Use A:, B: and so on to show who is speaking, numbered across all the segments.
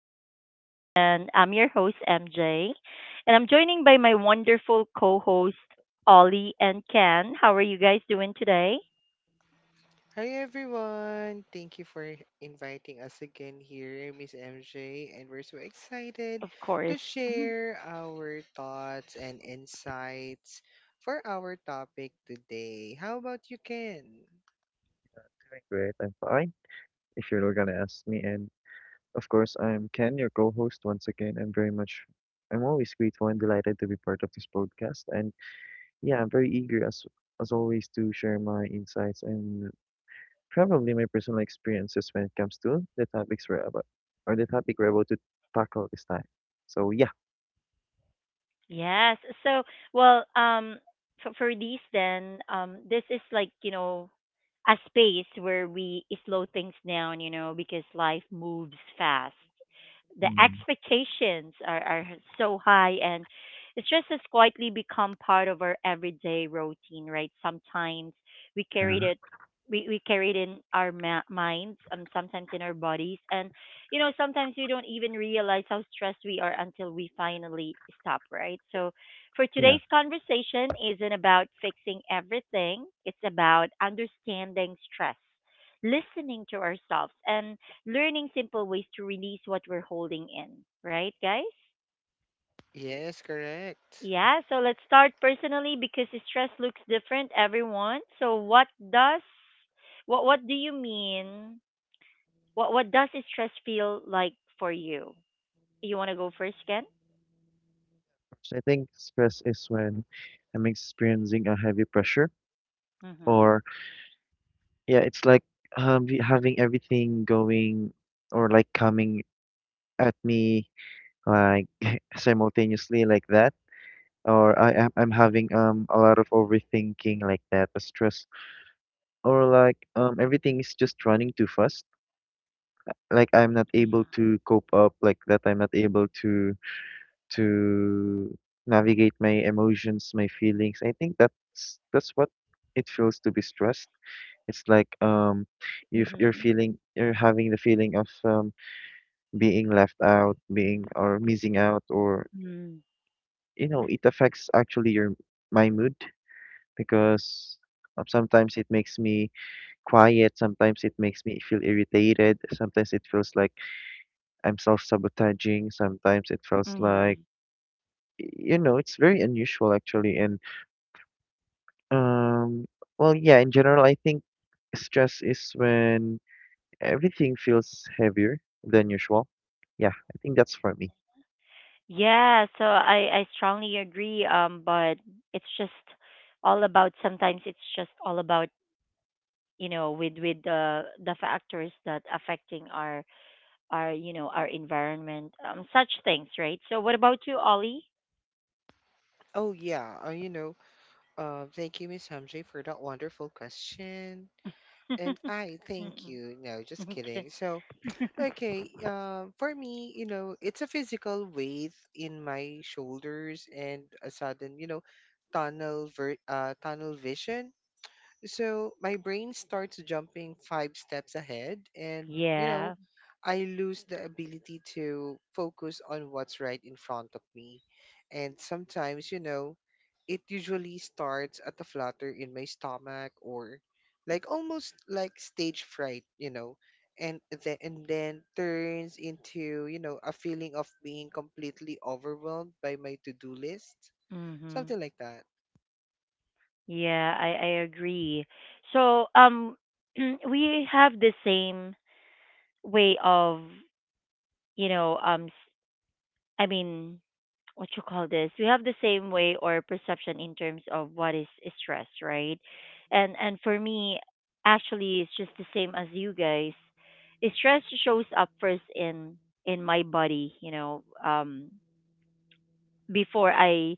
A: Reliever. And I'm your host, MJ. And I'm joining by my wonderful co hosts, Ollie and Ken. How are you guys doing today?
B: Hi, everyone! Thank you for inviting us again here, Miss MJ, and we're so excited
A: Of course.
B: to share our thoughts and insights for our topic today. How about you, Ken?
C: Doing great. I'm fine if you're gonna ask me, and of course, I'm Ken, your co-host once again. I'm always grateful and delighted to be part of this podcast. And yeah, I'm very eager as always to share my insights and probably my personal experiences when it comes to the topic we're about to tackle this time. So yeah.
A: Yes. So, well, um, for these then, this is like, a space where we slow things down, you know, because life moves fast. The
C: Mm,
A: expectations are so high and it's just as quietly become part of our everyday routine, right? Sometimes we carried
C: yeah,
A: it, we carried in our minds, sometimes in our bodies. And you know, sometimes we don't even realize how stressed we are until we finally stop, right? So, for
C: yeah.
A: today's conversation isn't about fixing everything, it's about understanding stress, listening to ourselves, and learning simple ways to release what we're holding in, right, guys?
B: Yes, correct.
A: Yeah, so let's start personally because the stress looks different everyone. So what does what do you mean? What does stress feel like for you? You want to go first, Ken?
C: I think stress is when I'm experiencing a heavy pressure,
A: Mm-hmm.
C: or yeah, it's like having everything going or like coming at me, like simultaneously, like that. Or I'm having a lot of overthinking, like that, a stress, or like everything is just running too fast. Like I'm not able
A: Yeah.
C: to cope up, like that. I'm not able to to navigate my emotions, my feelings. I think that's what it feels to be stressed. It's like you're
A: Mm-hmm.
C: feeling you're having the feeling of being left out, being or missing out, or
A: Mm.
C: you know, it affects actually your my mood, because sometimes it makes me quiet, sometimes it makes me feel irritated, sometimes it feels like I'm self-sabotaging, sometimes it feels
A: Mm-hmm. Hmm.
C: like, you know, it's very unusual actually. And um well yeah, in general I think stress is when everything feels heavier than usual. Yeah, I think that's for me.
A: Yeah, so I strongly agree. But it's just all about sometimes it's just all about you know with the factors that affecting our, you know, our environment, such things, right. So what about you, Ollie?
B: Oh yeah, uh, you know, thank you, Miss MJ, for that wonderful question, and I thank
A: Mm-mm.
B: you. No, just
A: Okay.
B: kidding. For me, you know, it's a physical weight in my shoulders and a sudden, you know, tunnel vision. So my brain starts jumping five steps ahead, and you know,
A: Yeah.
B: I lose the ability to focus on what's right in front of me. And sometimes, you know, it usually starts at a flutter in my stomach or like almost like stage fright, you know, and then turns into, you know, a feeling of being completely overwhelmed by my to-do list.
A: Mhm.
B: Something like that.
A: Yeah, I agree. So we have the same way of, you know, i mean what you call this, we have the same way or perception in terms of what is stress, right? And for me actually it's just the same as you guys. Stress shows up first in my body, you know, before I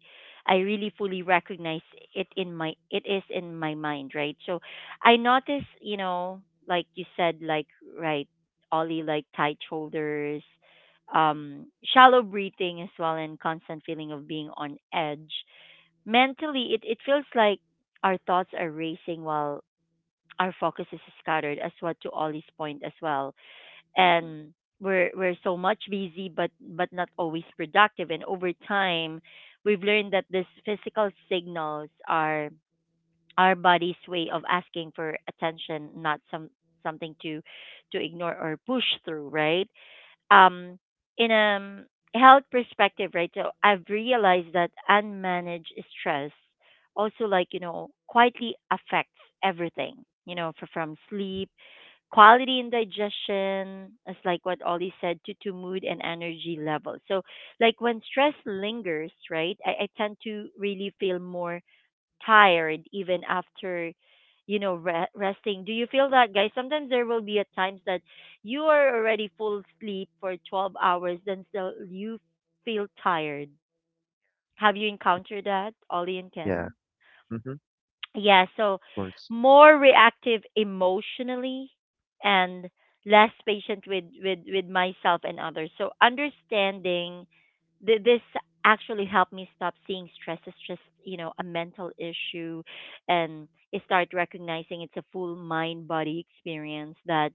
A: I really fully recognize it is in my mind, right? So I notice, you know, like you said, like right, Ollie, like tight shoulders, shallow breathing as well, and constant feeling of being on edge. Mentally, it feels like our thoughts are racing while our focus is scattered, as what to Ollie's point as well, and we're so much busy but not always productive, and over time we've learned that these physical signals are our body's way of asking for attention, not something to ignore or push through, right? um in a health perspective, right? So I've realized that unmanaged stress also, like you know, quietly affects everything, you know, from sleep quality and digestion, as like what Ollie said, to mood and energy levels. So like when stress lingers, right, I tend to really feel more tired even after, you know, resting. Do you feel that guys? Sometimes there will be at times that you are already full sleep for 12 hours then still you feel tired. Have you encountered that, Ollie and
C: Yeah.
A: Ken?
C: Mm-hmm. Of
A: Yeah, so
C: course.
A: more reactive emotionally and less patient with with myself and others, so understanding this actually helped me stop seeing stress as just, you know, a mental issue, and start recognizing it's a full mind body experience that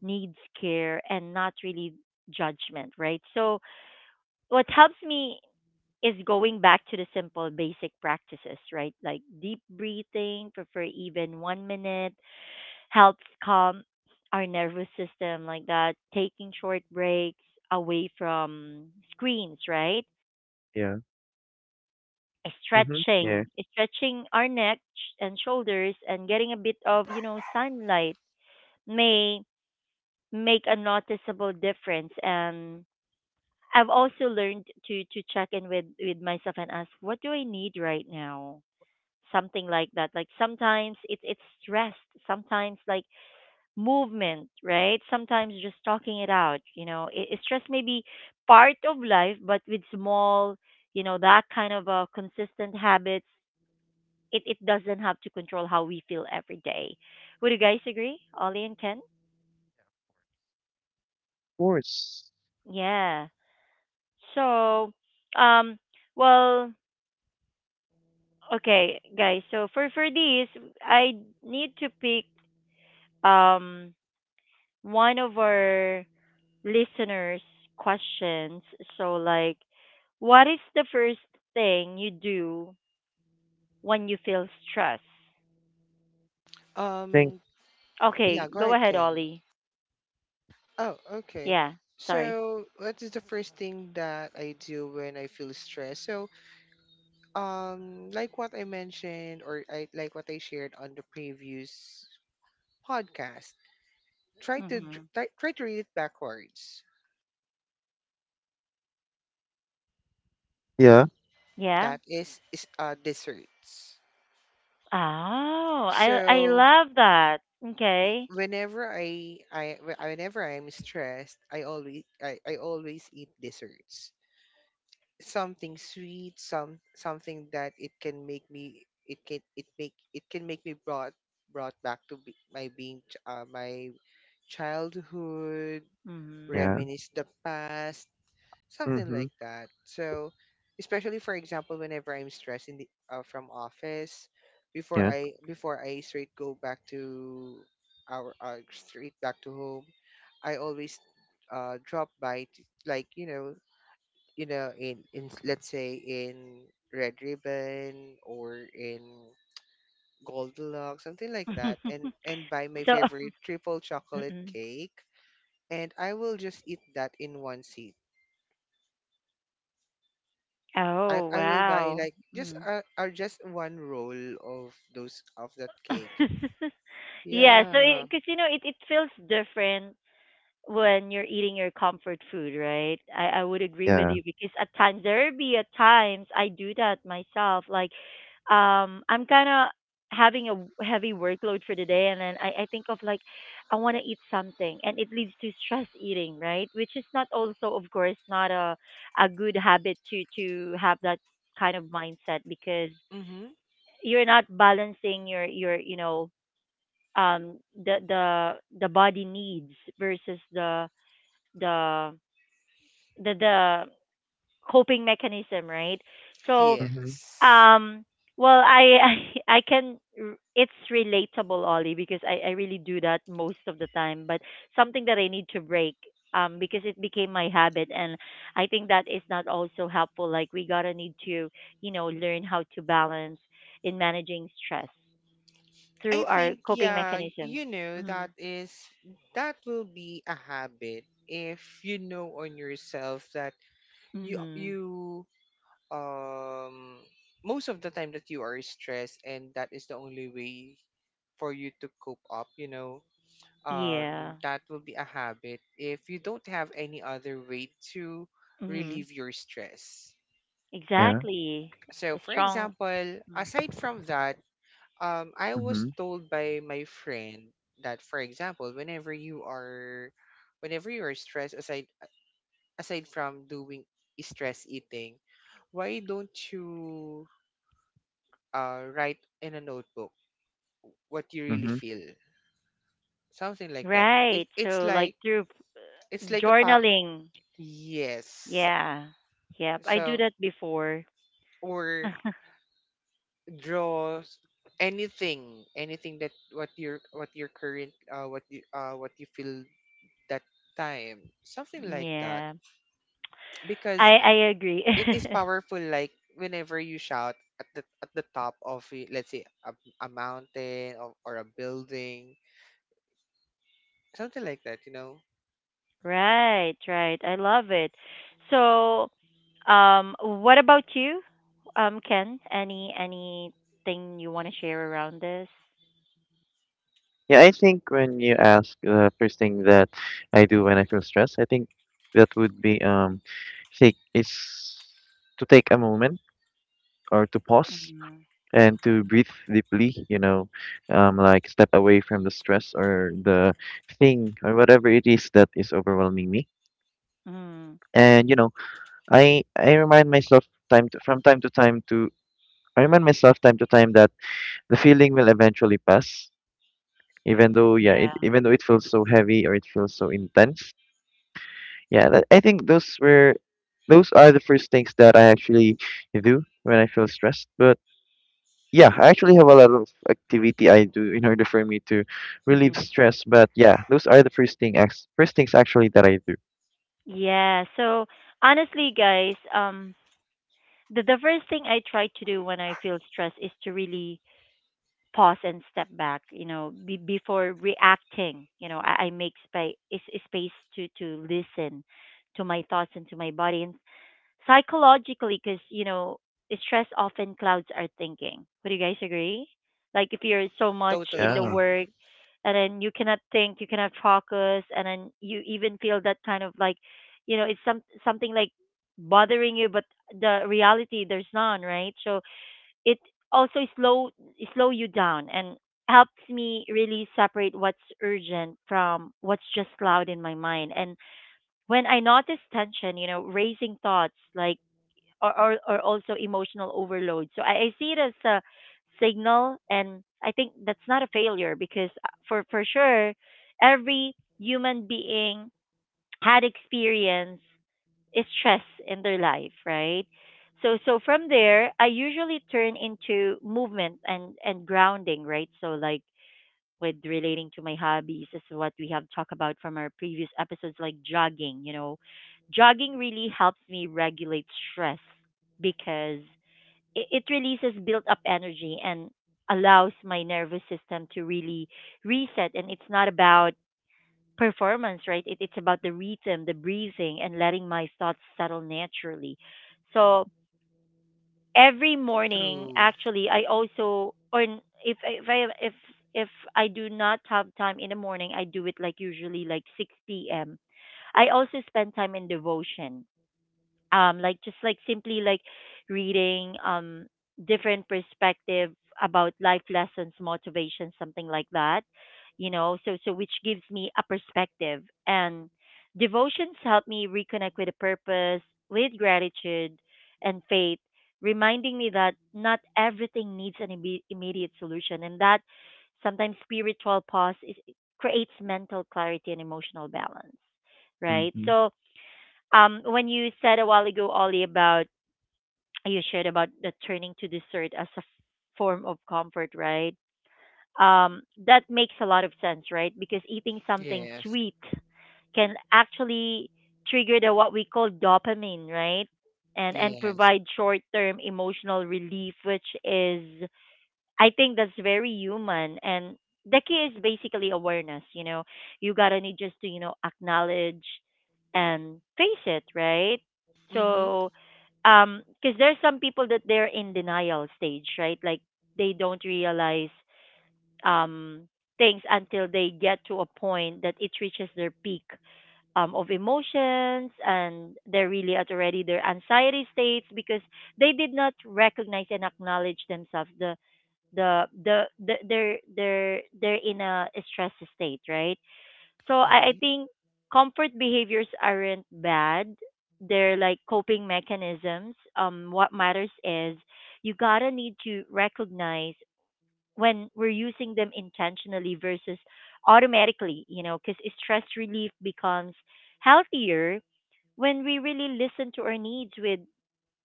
A: needs care and not really judgment, right? So what helps me is going back to the simple basic practices, right? Like deep breathing for even 1 minute helps calm our nervous system, like that. Taking short breaks away from screens, right?
C: Yeah. Mm-hmm. Yeah. Of
A: Stretching, stretching our neck and shoulders and getting a bit of, you know, sunlight may make a noticeable difference. And I've also learned to check in with myself and ask, what do I need right now? Something like that. Like sometimes it's stressed, sometimes like movement, right, sometimes just talking it out, you know. It stress may be part of life, but with small, you know, that kind of consistent habits, it doesn't have to control how we feel every day. Would you guys agree, Ollie and Ken?
C: course.
A: Yeah. So um well okay guys, so for these, I need to pick um one of our listeners' questions. So, like, what is the first thing you do when you feel stress?
C: Thank.
B: Um
A: Okay,
B: yeah, go
A: go
B: ahead,
A: ahead,
B: Ken.
A: Ollie.
B: Oh, okay.
A: Yeah, sorry.
B: So, what is the first thing that I do when I feel stressed? So, like what I mentioned, or I like what I shared on the previous podcast, try to dr-
A: Mm-hmm.
B: try, try to read it backwards.
C: Yeah.
A: Yeah.
B: That is desserts.
A: Oh, I
B: So,
A: love that. Okay.
B: whenever I am stressed, I always eat desserts. Something sweet, something that it can make me it can it make it can make me brought brought back to be, my being ch- my childhood,
A: Mm-hmm.
C: Yeah.
B: reminisce the past, something
C: Mm-hmm.
B: like that. So, especially for example, whenever I'm stressed in the from office, before
C: Yeah.
B: I before I straight go back to our straight back to home, I always drop by to, let's say in Red Ribbon or in Goldilocks, something like that, and buy my
A: So,
B: favorite triple chocolate
A: mm-mm.
B: cake, and I will just eat that in one seat. I
A: Oh
B: will buy
A: wow.
B: like just
A: Mm.
B: uh, or just one roll of those of that cake.
A: Yeah. So,
B: Yeah.
A: because you know, it feels different when you're eating your comfort food, right? I would agree with
C: Yeah.
A: you because at times there be at times I do that myself. Like, I'm kind of having a heavy workload for the day, and then I think of like, I want to eat something, and it leads to stress eating, right? Which is not also, of course, not a a good habit to have that kind of mindset because
B: Mm-hmm.
A: you're not balancing your, you know, um the the the body needs versus the the the the coping mechanism, right? So,
C: Mm-hmm.
B: Yes,
A: um, well, I I can it's relatable, Ollie, because I really do that most of the time. But something that I need to break, because it became my habit, and I think that is not also helpful. Like we gotta need to, you know, learn how to balance in managing stress
B: I
A: through our
B: think,
A: coping
B: yeah,
A: mechanisms.
B: you know that
A: Mm-hmm.
B: is, that will be a habit if you know on yourself that you
A: Mm-hmm.
B: you um most of the time that you are stressed and that is the only way for you to cope up, you know, um
A: Yeah.
B: that will be a habit if you don't have any other way to
A: Mm-hmm.
B: relieve your stress.
C: Yeah.
A: Exactly.
B: So
A: A
B: for
A: strong
B: example,
A: Mm.
B: aside from that, I was
C: Mm-hmm.
B: told by my friend that for example whenever you are stressed, aside from doing stress eating, why don't you write in a notebook what you really
C: Mm-hmm.
B: feel? Something like that. It,
A: Right.
B: it's
A: So like
B: like,
A: through
B: it's like a
A: journaling.
B: yes.
A: Yeah. Yep. I do
B: So,
A: that before.
B: or draw anything, anything that what your current what you feel that time, something like that.
A: Yeah.
B: Because
A: I agree.
B: it is powerful, like whenever you shout at the top of let's say a mountain, or a building, something like that, you know.
A: Right, right. I love it. So, what about you? Ken, any anything you want to share around this?
C: Yeah, I think when you ask the first thing that I do when I feel stressed, I think that would be take is to take a moment or to pause
A: Mhm.
C: and to breathe deeply, you know, like step away from the stress or the thing or whatever it is that is overwhelming me.
A: Mm.
C: And you know, I remind myself time to, from time to time to I remind myself time to time that the feeling will eventually pass, even though yeah,
A: Yeah.
C: even though it feels so heavy or it feels so intense. Yeah, I think those are the first things that I actually do when I feel stressed. But yeah, I actually have a lot of activity I do in order for me to relieve
A: Mhm.
C: stress. But yeah, those are the first thing, ex- first things actually that I do.
A: Yeah. So honestly, guys, the first thing I try to do when I feel stressed is to really pause and step back, you know, before reacting. You know, I make space to listen to my thoughts and to my body and psychologically because you know stress often clouds our thinking. Would you guys agree? Like if you're so much in
B: Totally.
A: the
C: Yeah.
A: work and then you cannot think, you cannot focus, and then you even feel that kind of like, you know, it's something like bothering you, but the reality there's none, right? So it also slow you down and helps me really separate what's urgent from what's just loud in my mind. And when I notice tension, you know, raising thoughts like or also emotional overload. So I see it as a signal, and I think that's not a failure because for sure, every human being had experience is stress in their life, right? So so from there, I usually turn into movement and grounding, right? So like with relating to my hobbies is what we have talked about from our previous episodes, like jogging. You know, jogging really helps me regulate stress because it releases built up energy and allows my nervous system to really reset. And it's not about performance, right? It, it's about the rhythm, the breathing, and letting my thoughts settle naturally. So, every morning
B: True.
A: actually I also or if I, if I do not have time in the morning, I do it like usually like 6 p.m. I also spend time in devotion, like just like simply like reading, different perspective about life lessons, motivation, something like that, you know, so so which gives me a perspective. And devotions help me reconnect with a purpose, with gratitude and faith, reminding me that not everything needs an immediate solution, and that sometimes spiritual pause is, creates mental clarity and emotional balance, right?
C: Hmm.
A: So when you said a while ago, Ollie, about you shared about the turning to dessert as a form of comfort, right? That makes a lot of sense, right? Because eating something
B: Yes.
A: sweet can actually trigger the what we call dopamine, right? And
B: Yes.
A: provide short term emotional relief, which is I think that's very human. And the key is basically awareness. You know, you gotta need just to, you know, acknowledge and face it, right?
B: Mm-hmm,
A: So, because there's some people that they're in denial stage, right? Like they don't realize, um, things until they get to a point that it reaches their peak of emotions, and they're really at already their anxiety states because they did not recognize and acknowledge themselves they're they're in a stress state, right? So I
B: mm-hmm.
A: think comfort behaviors aren't bad, they're like coping mechanisms. Um what matters is you gotta need to recognize when we're using them intentionally versus automatically, you know, because stress relief becomes healthier when we really listen to our needs with,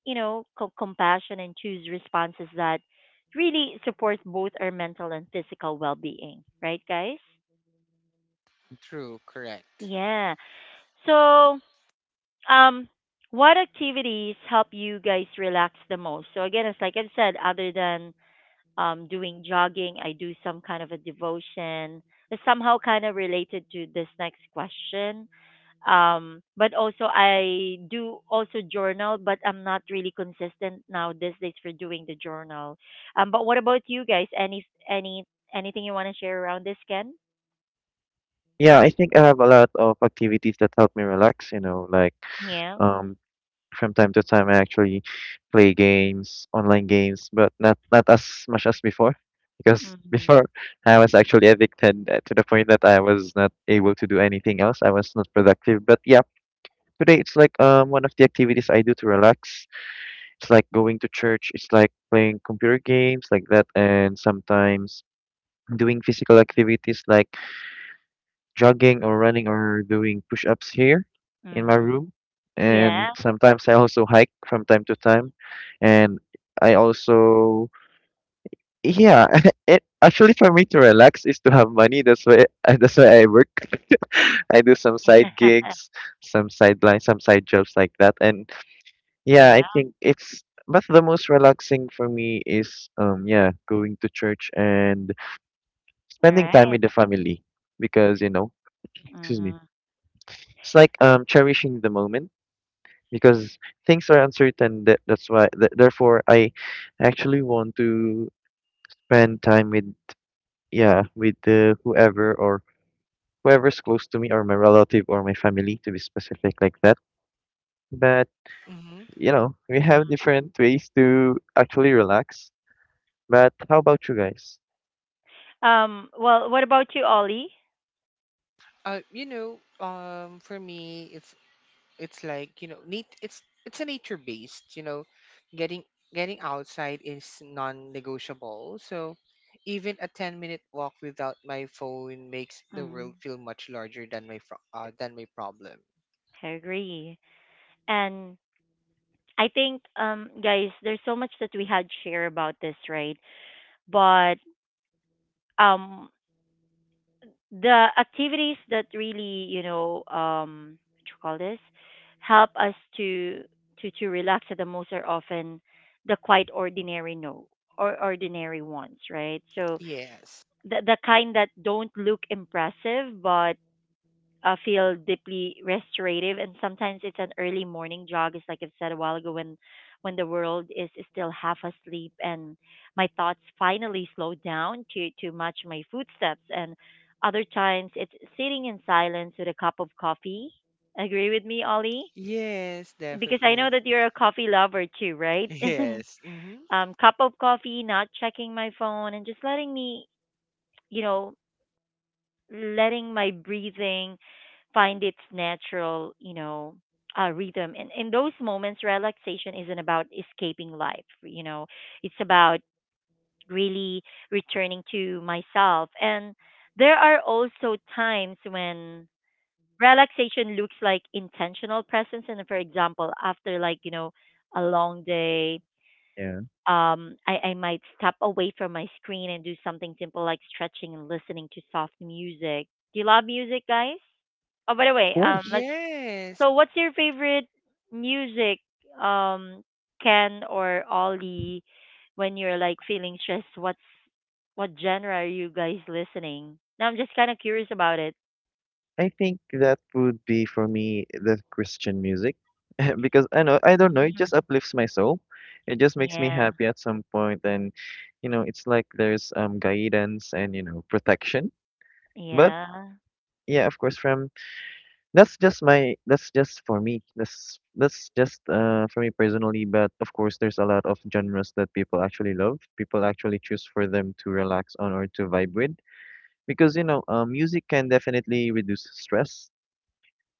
A: you know, compassion and choose responses that really support both our mental and physical well-being, right guys?
B: True. Correct.
A: Yeah. So, um what activities help you guys relax the most? So again, it's like I've said, other than doing jogging, I do some kind of a devotion. It's somehow kind of related to this next question. But also I do also journal, but I'm not really consistent now these days for doing the journal. But what about you guys? Any anything you want to share around this, Ken?
C: Yeah, I think I have a lot of activities that help me relax, you know, like
A: Yeah.
C: um, from time to time I actually play games, online games, but not as much as before. Because
A: Mhm.
C: before I was actually addicted to the point that I was not able to do anything else. I was not productive. But yeah, today it's like one of the activities I do to relax, it's like going to church, it's like playing computer games, like that, and sometimes doing physical activities like jogging or running or doing push-ups here in my
A: Mhm.
C: room. And
A: Yeah.
C: sometimes I also hike from time to time. And I also, yeah, it actually for me to relax is to have money. That's why that's why I work. I do some side gigs, some sideline, some side jobs, like that. And yeah, I
A: Yeah.
C: think it's, but the most relaxing for me is yeah, going to church and
A: All
C: spending time with
A: right.
C: the family because you know, excuse me,
A: Mhm.
C: it's like cherishing the moment, because things are uncertain. That that's why th therefore I actually want to spend time with, yeah, with the whoever, or whoever's close to me, or my relative or my family, to be specific, like that. But
B: Mm-hmm.
C: you know, we have
A: Mhm.
C: different ways to actually relax. But how about you guys?
A: Well, what about you, Ollie?
B: You know, for me it's like you know, neat, it's a nature based you know, getting getting outside is non-negotiable, so even a 10-minute walk without my phone makes the world
A: Mhm.
B: feel much larger than than my problem.
A: I agree. And I think, guys, there's so much that we had share about this, right? But um the activities that really, you know, what you call this help us to to relax at the most are often the quite ordinary, no, or ordinary ones, right? So
B: Yes.
A: the kind that don't look impressive but feel deeply restorative. And sometimes it's an early morning jog, it's like I've said a while ago, when the world is still half asleep and my thoughts finally slow down to match my footsteps. And other times it's sitting in silence with a cup of coffee. Agree with me, Ollie?
B: Yes,
A: Because I know
B: definitely.
A: that you're a coffee lover too, right?
B: yes. Mm-hmm.
A: Cup of coffee, not checking my phone, and just letting me, you know, letting my breathing find its natural, you know, rhythm. And in those moments, relaxation isn't about escaping life, you know, it's about really returning to myself. And there are also times when relaxation looks like intentional presence. And for example, after like, you know, a long day,
C: Yeah, of
A: um, I might step away from my screen and do something simple like stretching and listening to soft music. Do you love music, guys? Oh, by the way,
C: course.
A: let's.
B: Yes.
A: So, what's your favorite music, um, Ken or Ollie, when you're like feeling stressed? What's what genre are you guys listening? Now I'm just kind of curious about it.
C: I think that would be for me the Christian music, because I know, I don't know, it
A: Mm.
C: just uplifts my soul. It just makes me
A: Yeah,
C: happy at some point. And you know, it's like there's guidance and you know, protection. But
A: yeah.
C: yeah, of course, from that's just my, that's just for me. That's just for me personally, but of course there's a lot of genres that people actually love. People actually choose for them to relax on or to vibe with. Because you know, music can definitely reduce stress.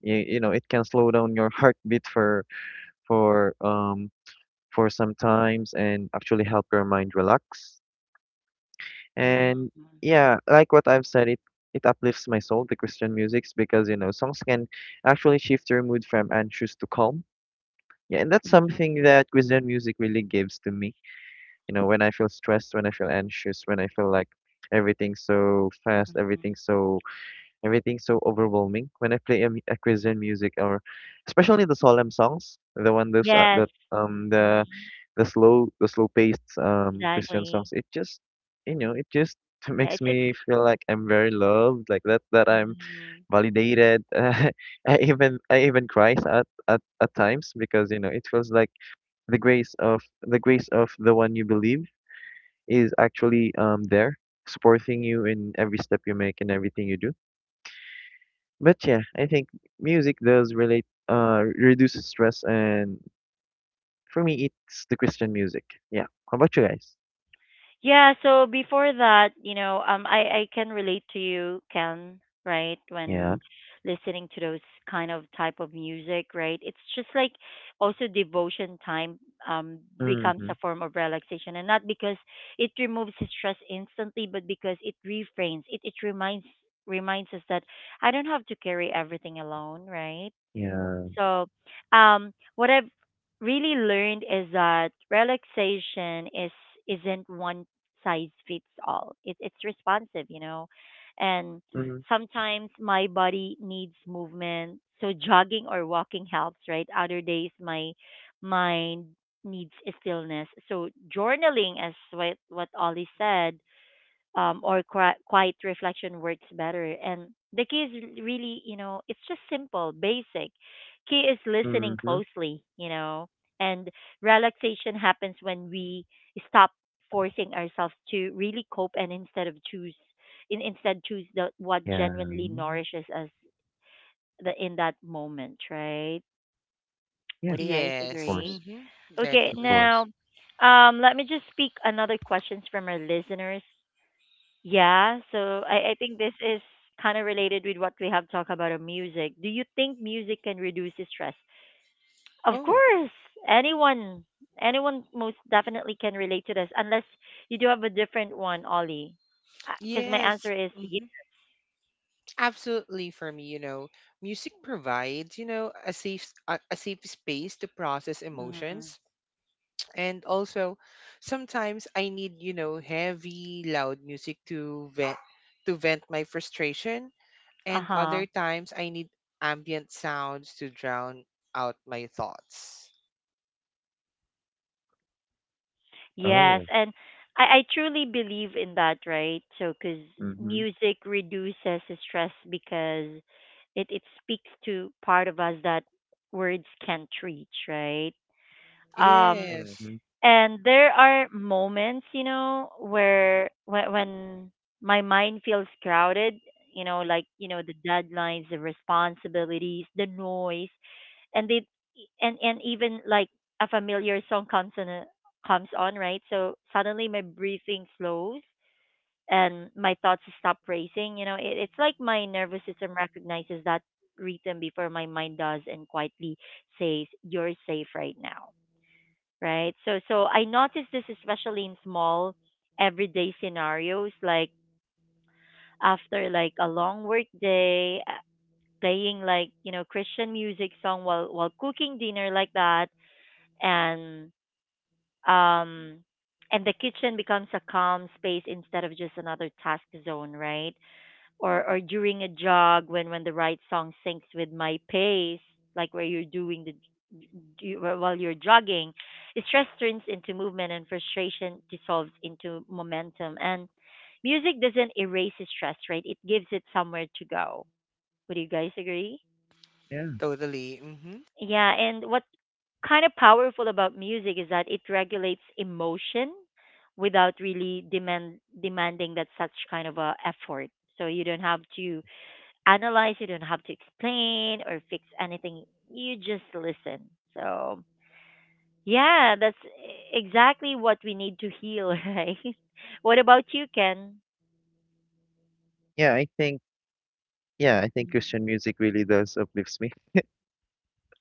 C: You know, it can slow down your heartbeat for for um some times and actually help your mind relax. And
A: Mm-hmm.
C: yeah, like what I've said, it uplifts my soul, the Christian musics, because you know, songs can actually shift your mood from anxious to calm. Yeah, and that's something
A: Mm-hmm.
C: that Christian music really gives to me. You know, when I feel stressed, when I feel anxious, when I feel like everything's so fast everything's so everything's so overwhelming, when I play a Christian music, or especially the solemn songs, the one, those
A: Yes.
C: that
A: Hmm.
C: the slow paced Christian
A: Exactly.
C: songs. It just, you know, it just
A: Yeah,
C: makes
A: it's
C: me feel like I'm very loved, like that, that I'm
A: mhm.
C: validated. I even cry at times, because you know, it feels like the grace of the one you believe is actually there supporting you in every step you make and everything you do. But yeah, I think music does reduce stress, and for me, it's the Christian music. Yeah. How about you guys?
A: Yeah, so before that, you know, um, I can relate to you, Ken, right?
C: Yeah.
A: When listening to those kind of type of music, right? It's just like also devotion time becomes
C: Mm-hmm.
A: a form of relaxation, and not because it removes the stress instantly, but because it refrains. It reminds us that I don't have to carry everything alone, right?
C: Yeah.
A: So, what I've really learned is that relaxation is isn't one size fits all. It's responsive, you know, and
C: Mm-hmm.
A: sometimes my body needs movement, so jogging or walking helps, right? Other days, my mind needs stillness. So journaling, as what Ollie said, or quiet reflection works better. And the key is really, you know, it's just simple, basic. Key is listening
C: Mm-hmm.
A: closely, you know, and relaxation happens when we stop forcing ourselves to really cope, and instead choose what
C: Yeah,
A: genuinely
C: mm,
A: nourishes us in that moment, right?
C: yeah.
A: Would
C: Of
A: you guys
B: Yes.
A: agree?
C: course,
B: Mm-hmm.
A: Okay,
C: of
B: Definitely.
C: course.
A: now let me just speak another questions from our listeners. Yeah, so I think this is kind of related with what we have talked about on music. Do you think music can reduce the stress? Of
B: Oh,
A: course, anyone, anyone most definitely can relate to this, unless you do have a different one, Ollie. Because my answer
B: yes.
A: is yes.
B: Absolutely, for me, you know, music provides, you know, a safe space to process
A: Mm.
B: emotions. And also sometimes I need, you know, heavy loud music to vent, my frustration,
A: Uh
B: and
A: huh.
B: other times I need ambient sounds to drown out my thoughts.
A: Yes,
C: Oh.
A: and I truly believe in that, right? So, because
C: Mm-hmm.
A: music reduces stress because it speaks to part of us that words can't reach, right? Um,
B: Yes,
C: Mm-hmm.
A: and there are moments, you know, where when my mind feels crowded, you know, like, you know, the deadlines, the responsibilities, the noise, and they and even like a familiar song comes comes on, right? So suddenly my breathing slows and my thoughts stop racing. You know, it's like my nervous system recognizes that rhythm before my mind does, and quietly says, you're safe right now, right? So so I notice this especially in small everyday scenarios, like after like a long work day, playing like, you know, Christian music song while cooking dinner like that. And um the kitchen becomes a calm space instead of just another task zone, right? Or during a jog when the right song syncs with my pace, like where you're doing while you're jogging, stress turns into movement and frustration dissolves into momentum. And music doesn't erase stress, right? It gives it somewhere to go. Would you guys agree?
C: Yeah.
B: totally. Mhm.
A: Yeah. And what kind of powerful about music is that it regulates emotion without really demanding that such kind of a effort. So you don't have to analyze, you don't have to explain or fix anything. You just listen. So yeah, that's exactly what we need to heal, right? What about you, Ken?
C: Yeah, I think, yeah, I think
A: Mhm.
C: Christian music really does uplifts me.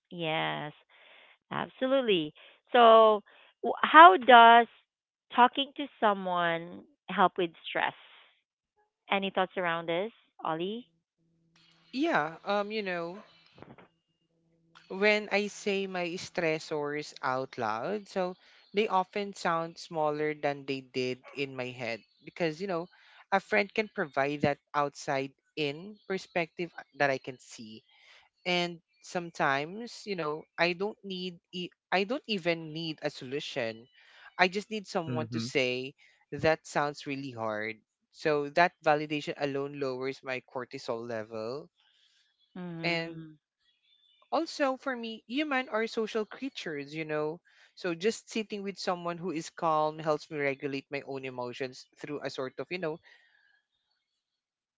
A: Yes, absolutely. So how does talking to someone help with stress? Any thoughts around this, Ollie?
B: Yeah, you know, when I say my stressors out loud, so they often sound smaller than they did in my head because, you know, a friend can provide that outside in perspective that I can see. And sometimes, you know, I don't even need a solution. I just need someone to
C: Mm-hmm.
B: say, that sounds really hard. So that validation alone lowers my cortisol level. And
A: Mm.
B: also for me, human are social creatures, you know, so just sitting with someone who is calm helps me regulate my own emotions through a sort of, you know,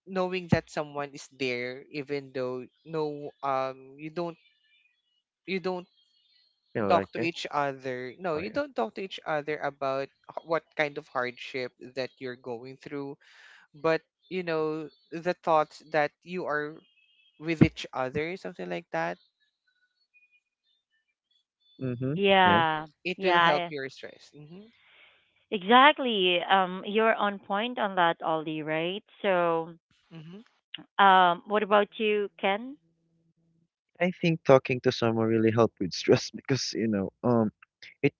B: knowing that someone is there, even though, you don't, you don't
C: You
B: talk
C: like
B: to
C: it?
B: each other, no,
C: Oh
B: you
C: yeah.
B: don't talk to each other about what kind of hardship that you're going through, but you know the thoughts that you are with each other, something like that.
C: Mm-hmm. Yeah.
A: Yeah,
B: It will help
A: yeah,
B: your stress.
A: exactly. You're on point on that, Ollie, right? So,
B: Mm-hmm,
A: what about you, Ken?
C: I think talking to someone really helped with stress, because, you know, it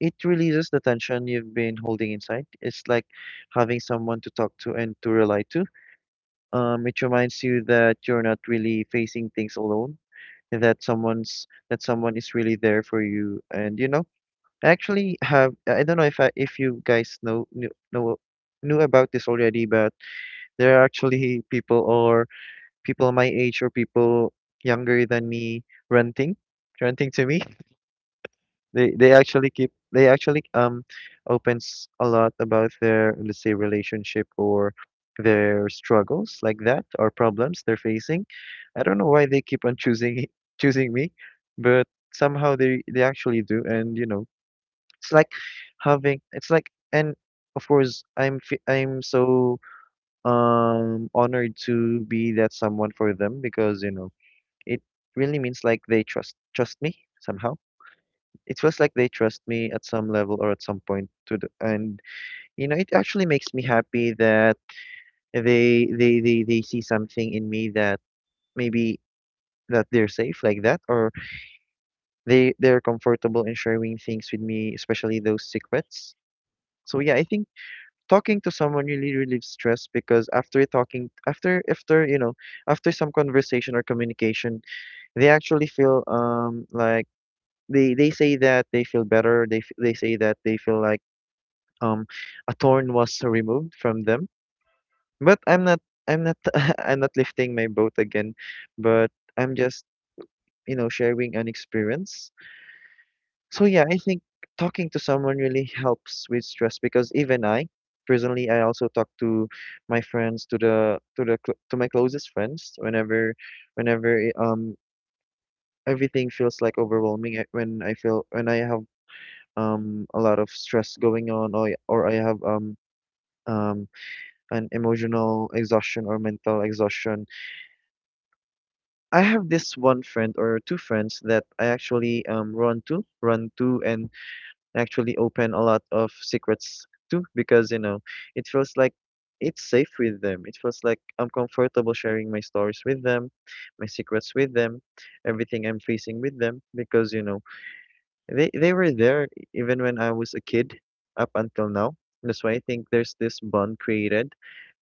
C: it releases the tension you've been holding inside. It's like having someone to talk to and to rely to. It reminds you that you're not really facing things alone, and that someone is really there for you. And you know, I actually have, I don't know if if you guys know knew about this already, but there are actually people, or people my age or people younger than me, renting renting to me. They actually opens a lot about their, let's say, relationship or their struggles, like that, or problems they're facing. I don't know why they keep on choosing choosing me, but somehow they actually do. And you know, it's like it's like, and of course I'm so honored to be that someone for them, because you know, it really means like they trust me somehow. It feels like they trust me at some level or at some point to the, and you know, it actually makes me happy that they see something in me that maybe that they're safe, like that, or they're comfortable in sharing things with me, especially those secrets. So yeah, I think talking to someone really relieves stress, because after you know, after some conversation or communication, they actually feel like they say that they feel better. They say that they feel like um a thorn was removed from them. But I'm not I'm not lifting my boat again, but I'm just, you know, sharing an experience. So yeah, I think talking to someone really helps with stress, because even I personally, I also talk to my friends, to my closest friends, whenever whenever eh, um everything feels like overwhelming. When I feel, when I have a lot of stress going on, or I have um an emotional exhaustion or mental exhaustion. I have this one friend or two friends that I actually run to, and actually open a lot of secrets to, because you know, it feels like it's safe with them. It feels like I'm comfortable sharing my stories with them, my secrets with them, everything I'm facing with them, because you know, they were there, even when I was a kid up until now. That's why I think there's this bond created.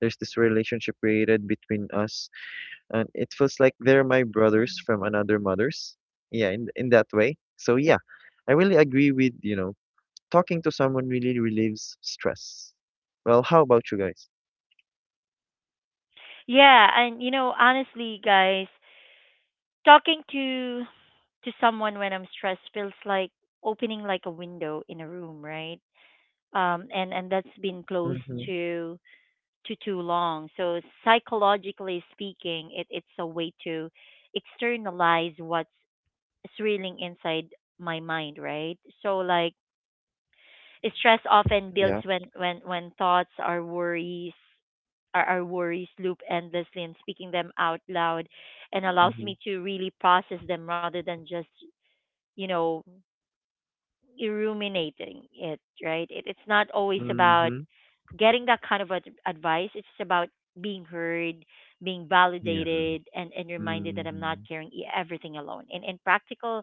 C: There's this relationship created between us, and it feels like they're my brothers
A: Mm.
C: from another mother's. Yeah, in that way. So yeah, I really agree with, you know, talking to someone really relieves stress. Well, how about you guys?
A: Yeah, and you know, honestly, guys, talking to someone when I'm stressed feels like opening like a window in a room, right? And that's been closed
C: Mm-hmm.
A: to to too long. So psychologically speaking, it's a way to externalize what's swirling inside my mind, right? So like stress often builds
C: Yeah.
A: when thoughts are worries, our worries loop endlessly, and speaking them out loud and allows
C: Mm-hmm.
A: me to really process them rather than just, you know, ruminating it, right? It's not always about
C: Mm-hmm.
A: getting that kind of advice, it's about being heard, being
C: Yeah.
A: validated, and reminded that I'm not
C: Mm-hmm.
A: carrying everything alone. And in practical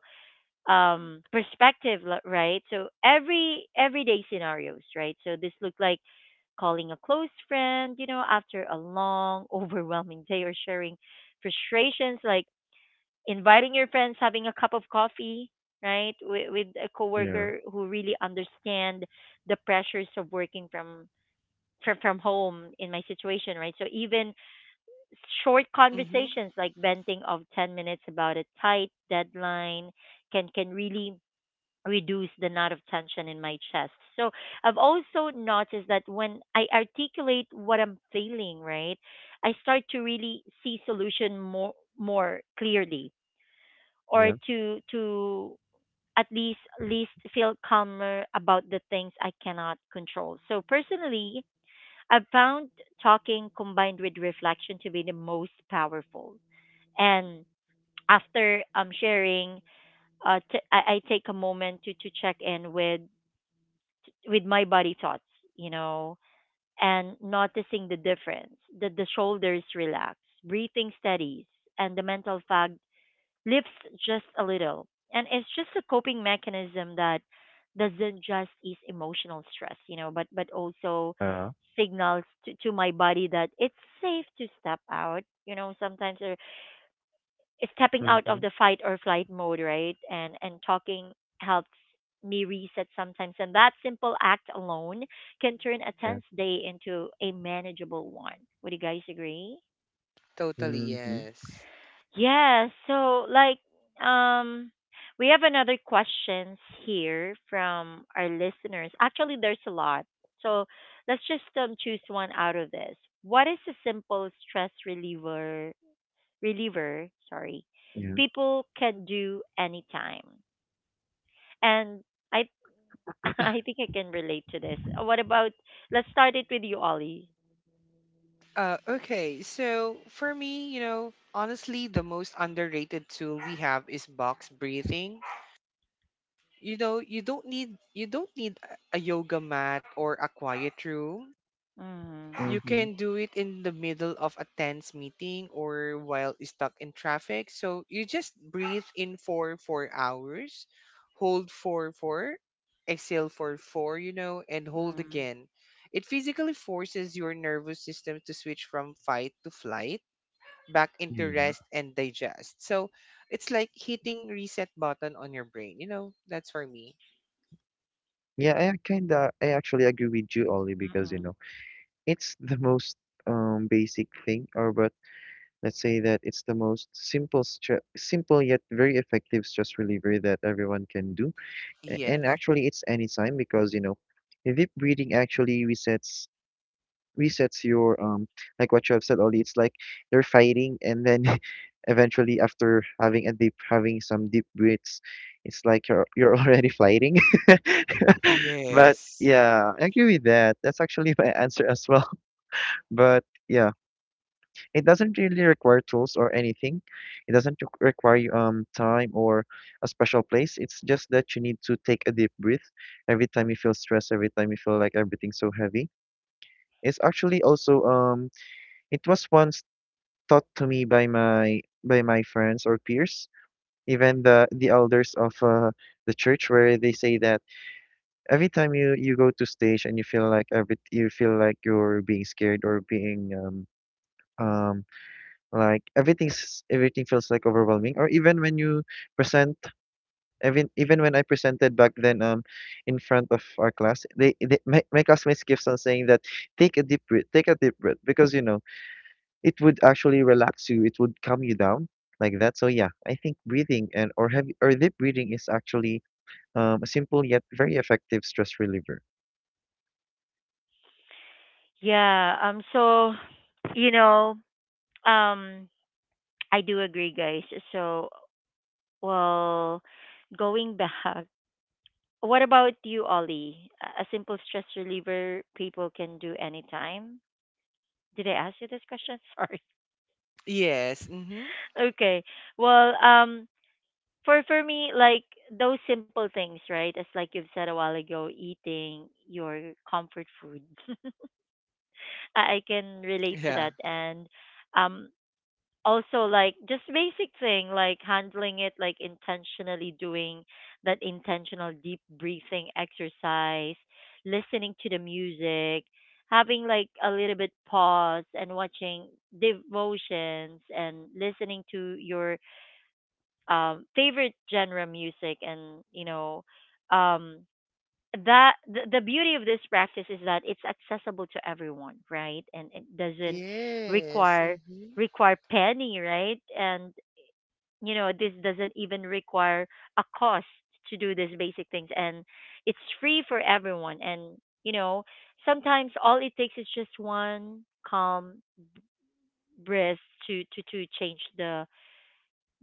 A: perspective, right? So every everyday scenarios, right? So this look like calling a close friend, you know, after a long, overwhelming day, or sharing frustrations, like inviting your friends, having a cup of coffee, right, with a
C: Yeah.
A: coworker who really understand the pressures of working from home in my situation, right? So even short
B: hmm.
A: conversations like venting of 10 minutes about a tight deadline can really reduce the knot of tension in my chest. So I've also noticed that when I articulate what I'm feeling, right, I start to really see solution more clearly, or
C: Yeah.
A: to at least feel calmer about the things I cannot control. So personally, I've found talking combined with reflection to be the most powerful. And after sharing, I take a moment to check in with my body thoughts, you know, and noticing the difference. That the shoulders relax, breathing steadies, and the mental fog lifts just a little. And it's just a coping mechanism that doesn't just ease emotional stress, you know, but also
C: Uh.
A: signals to my body that it's safe to step out, you know, sometimes, or it's stepping out of
C: Mm-hmm.
A: the fight or flight mode, right? And talking helps me reset sometimes, and that simple act alone can turn a
C: Yeah.
A: tense day into a manageable one. Would you guys agree?
B: Totally,
C: Mm-hmm.
B: yes.
A: Yeah, so like um we have another questions here from our listeners. Actually, there's a lot. So let's just choose one out of this. What is a simple stress reliever sorry,
C: Yeah.
A: people can do anytime? And I I think I can relate to this. What about, let's start it with you, Ollie.
B: Okay, so for me, you know, honestly, the most underrated tool we have is box breathing. You know, you don't need a yoga mat or a quiet room.
A: Mm,
B: You
C: Mm-hmm.
B: can do it in the middle of a tense meeting or while stuck in traffic. So you just breathe in for 4 hours, hold for four, exhale for four, you know, and
A: mm,
B: hold
A: mm,
B: again. It physically forces your nervous system to switch from fight to flight back into
C: Mhm.
B: rest and digest. So it's like hitting reset button on your brain, you know? That's for me.
C: Yeah, I actually agree with you, Ollie, because you
A: mm.
C: know, it's the most basic thing, or but let's say that it's the most simple, stre simple yet very effective stress reliever that everyone can do. And
B: Yes.
C: actually, it's anytime because you know, deep breathing actually resets resets your like what you have said, Ollie. It's like they are fighting and then eventually after having some deep breaths, it's like you're you're already fighting. But
B: Yes.
C: yeah, I agree with that. That's actually my answer as well. But yeah, it doesn't really require tools or anything. It doesn't require you, time or a special place. It's just that you need to take a deep breath every time you feel stressed, every time you feel like everything's so heavy. It's actually also it was once taught to me by my friends or peers, even the elders of the church, where they say that every time you go to stage and you feel like every you feel like you're being scared or being um like everything feels like overwhelming or even when you present even when I presented back then in front of our class they my classmates keeps on saying that take a deep breath because you know it would actually relax you. It would calm you down like that. So yeah, I think breathing and or heavy or deep breathing is actually a simple yet very effective stress reliever.
A: Yeah, so you know, um I do agree, guys. So, well, going back, what about you, Ollie? A simple stress reliever people can do anytime. Did I ask you this question? Sorry.
B: Yes. Mm-hmm.
A: Okay. Well, for me, like those simple things, right? As like you've said a while ago, eating your comfort food. I can relate to that, and um, also like just basic thing, like handling it like intentionally doing that intentional deep breathing exercise, listening to the music, having like a little bit pause and watching devotions and listening to your favorite genre music, and you know, um that the beauty of this practice is that it's accessible to everyone, right? And it doesn't
B: Yes.
A: require
B: Mm-hmm.
A: require penny, right? And you know, this doesn't even require a cost to do these basic things, and it's free for everyone. And you know, sometimes all it takes is just one calm breath to change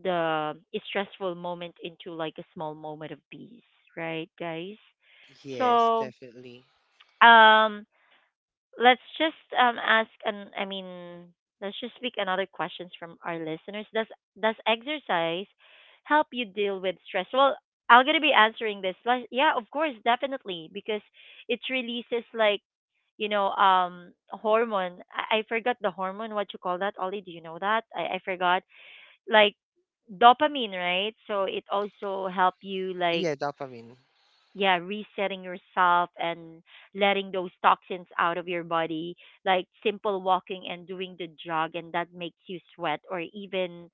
A: the stressful moment into like a small moment of peace, right, guys?
B: Yes,
A: So
B: definitely.
A: um let's just ask and I mean let's just pick another questions from our listeners. Does exercise help you deal with stress? Well, I'm gonna be answering this. Like, yeah, of course, definitely, because it releases like, you know, hormone. I forgot the hormone. What you call that, Ollie? Do you know that? I forgot. Like dopamine, right? So it also help you like,
B: Yeah, dopamine.
A: yeah, resetting yourself and letting those toxins out of your body, like simple walking and doing the jog and that makes you sweat, or even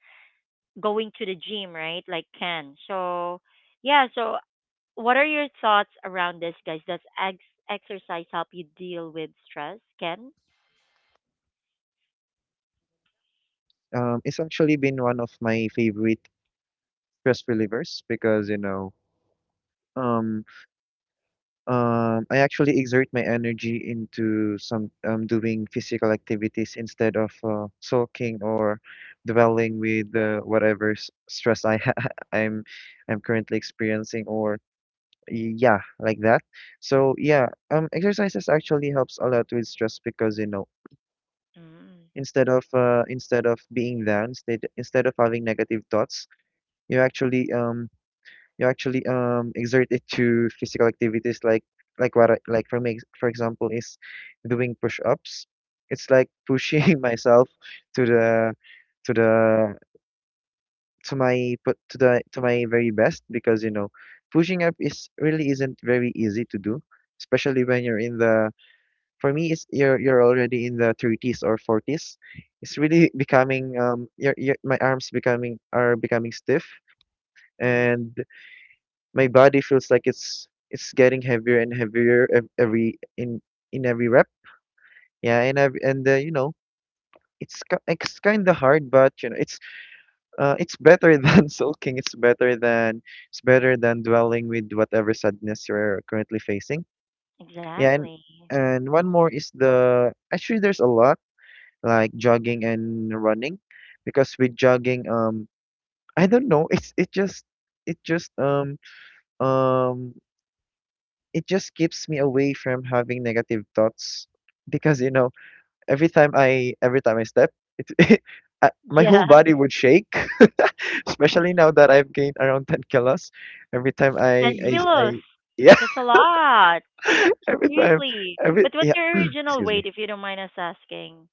A: going to the gym, right? Like can, so yeah, so what are your thoughts around this, guys? Does exercise help you deal with stress, Ken?
C: It's actually been one of my favorite stress relievers because you know um, I actually exert my energy into some doing physical activities instead of sulking or dwelling with whatever stress I I'm I'm currently experiencing or yeah, like that. So yeah, exercises actually helps a lot with stress because you know
A: Mm.
C: instead of being down, instead of having negative thoughts, you actually um you actually exert it to physical activities like like for me for example is doing push ups. It's like pushing myself to to the the to my very best because you know pushing up is really isn't very easy to do, especially when you're in the for me it's you're already in the 30s or 40s. It's really becoming your my arms becoming stiff
A: mm,
C: and my body feels like it's getting heavier and heavier ev- every in every rep. Yeah, and you know it's kind of hard but you know it's better than sulking. It's better than dwelling with whatever sadness you're currently facing. Yeah,
A: exactly.
C: and one more
A: Mm.
C: is the actually there's a lot like jogging and running, because with jogging, I don't know, it just it just um um it just keeps me away from having negative thoughts because you know every time I step, it, my whole
A: Yeah,
C: body would shake, especially now that I've gained around 10 kilos. Every time
A: 10
B: Really?
C: I
A: kilos.
C: yeah,
A: That's a lot.
C: every time
A: Seriously,
C: every
A: but what's
C: yeah,
A: your original
C: excuse
A: weight,
C: me.
A: if you don't mind us asking?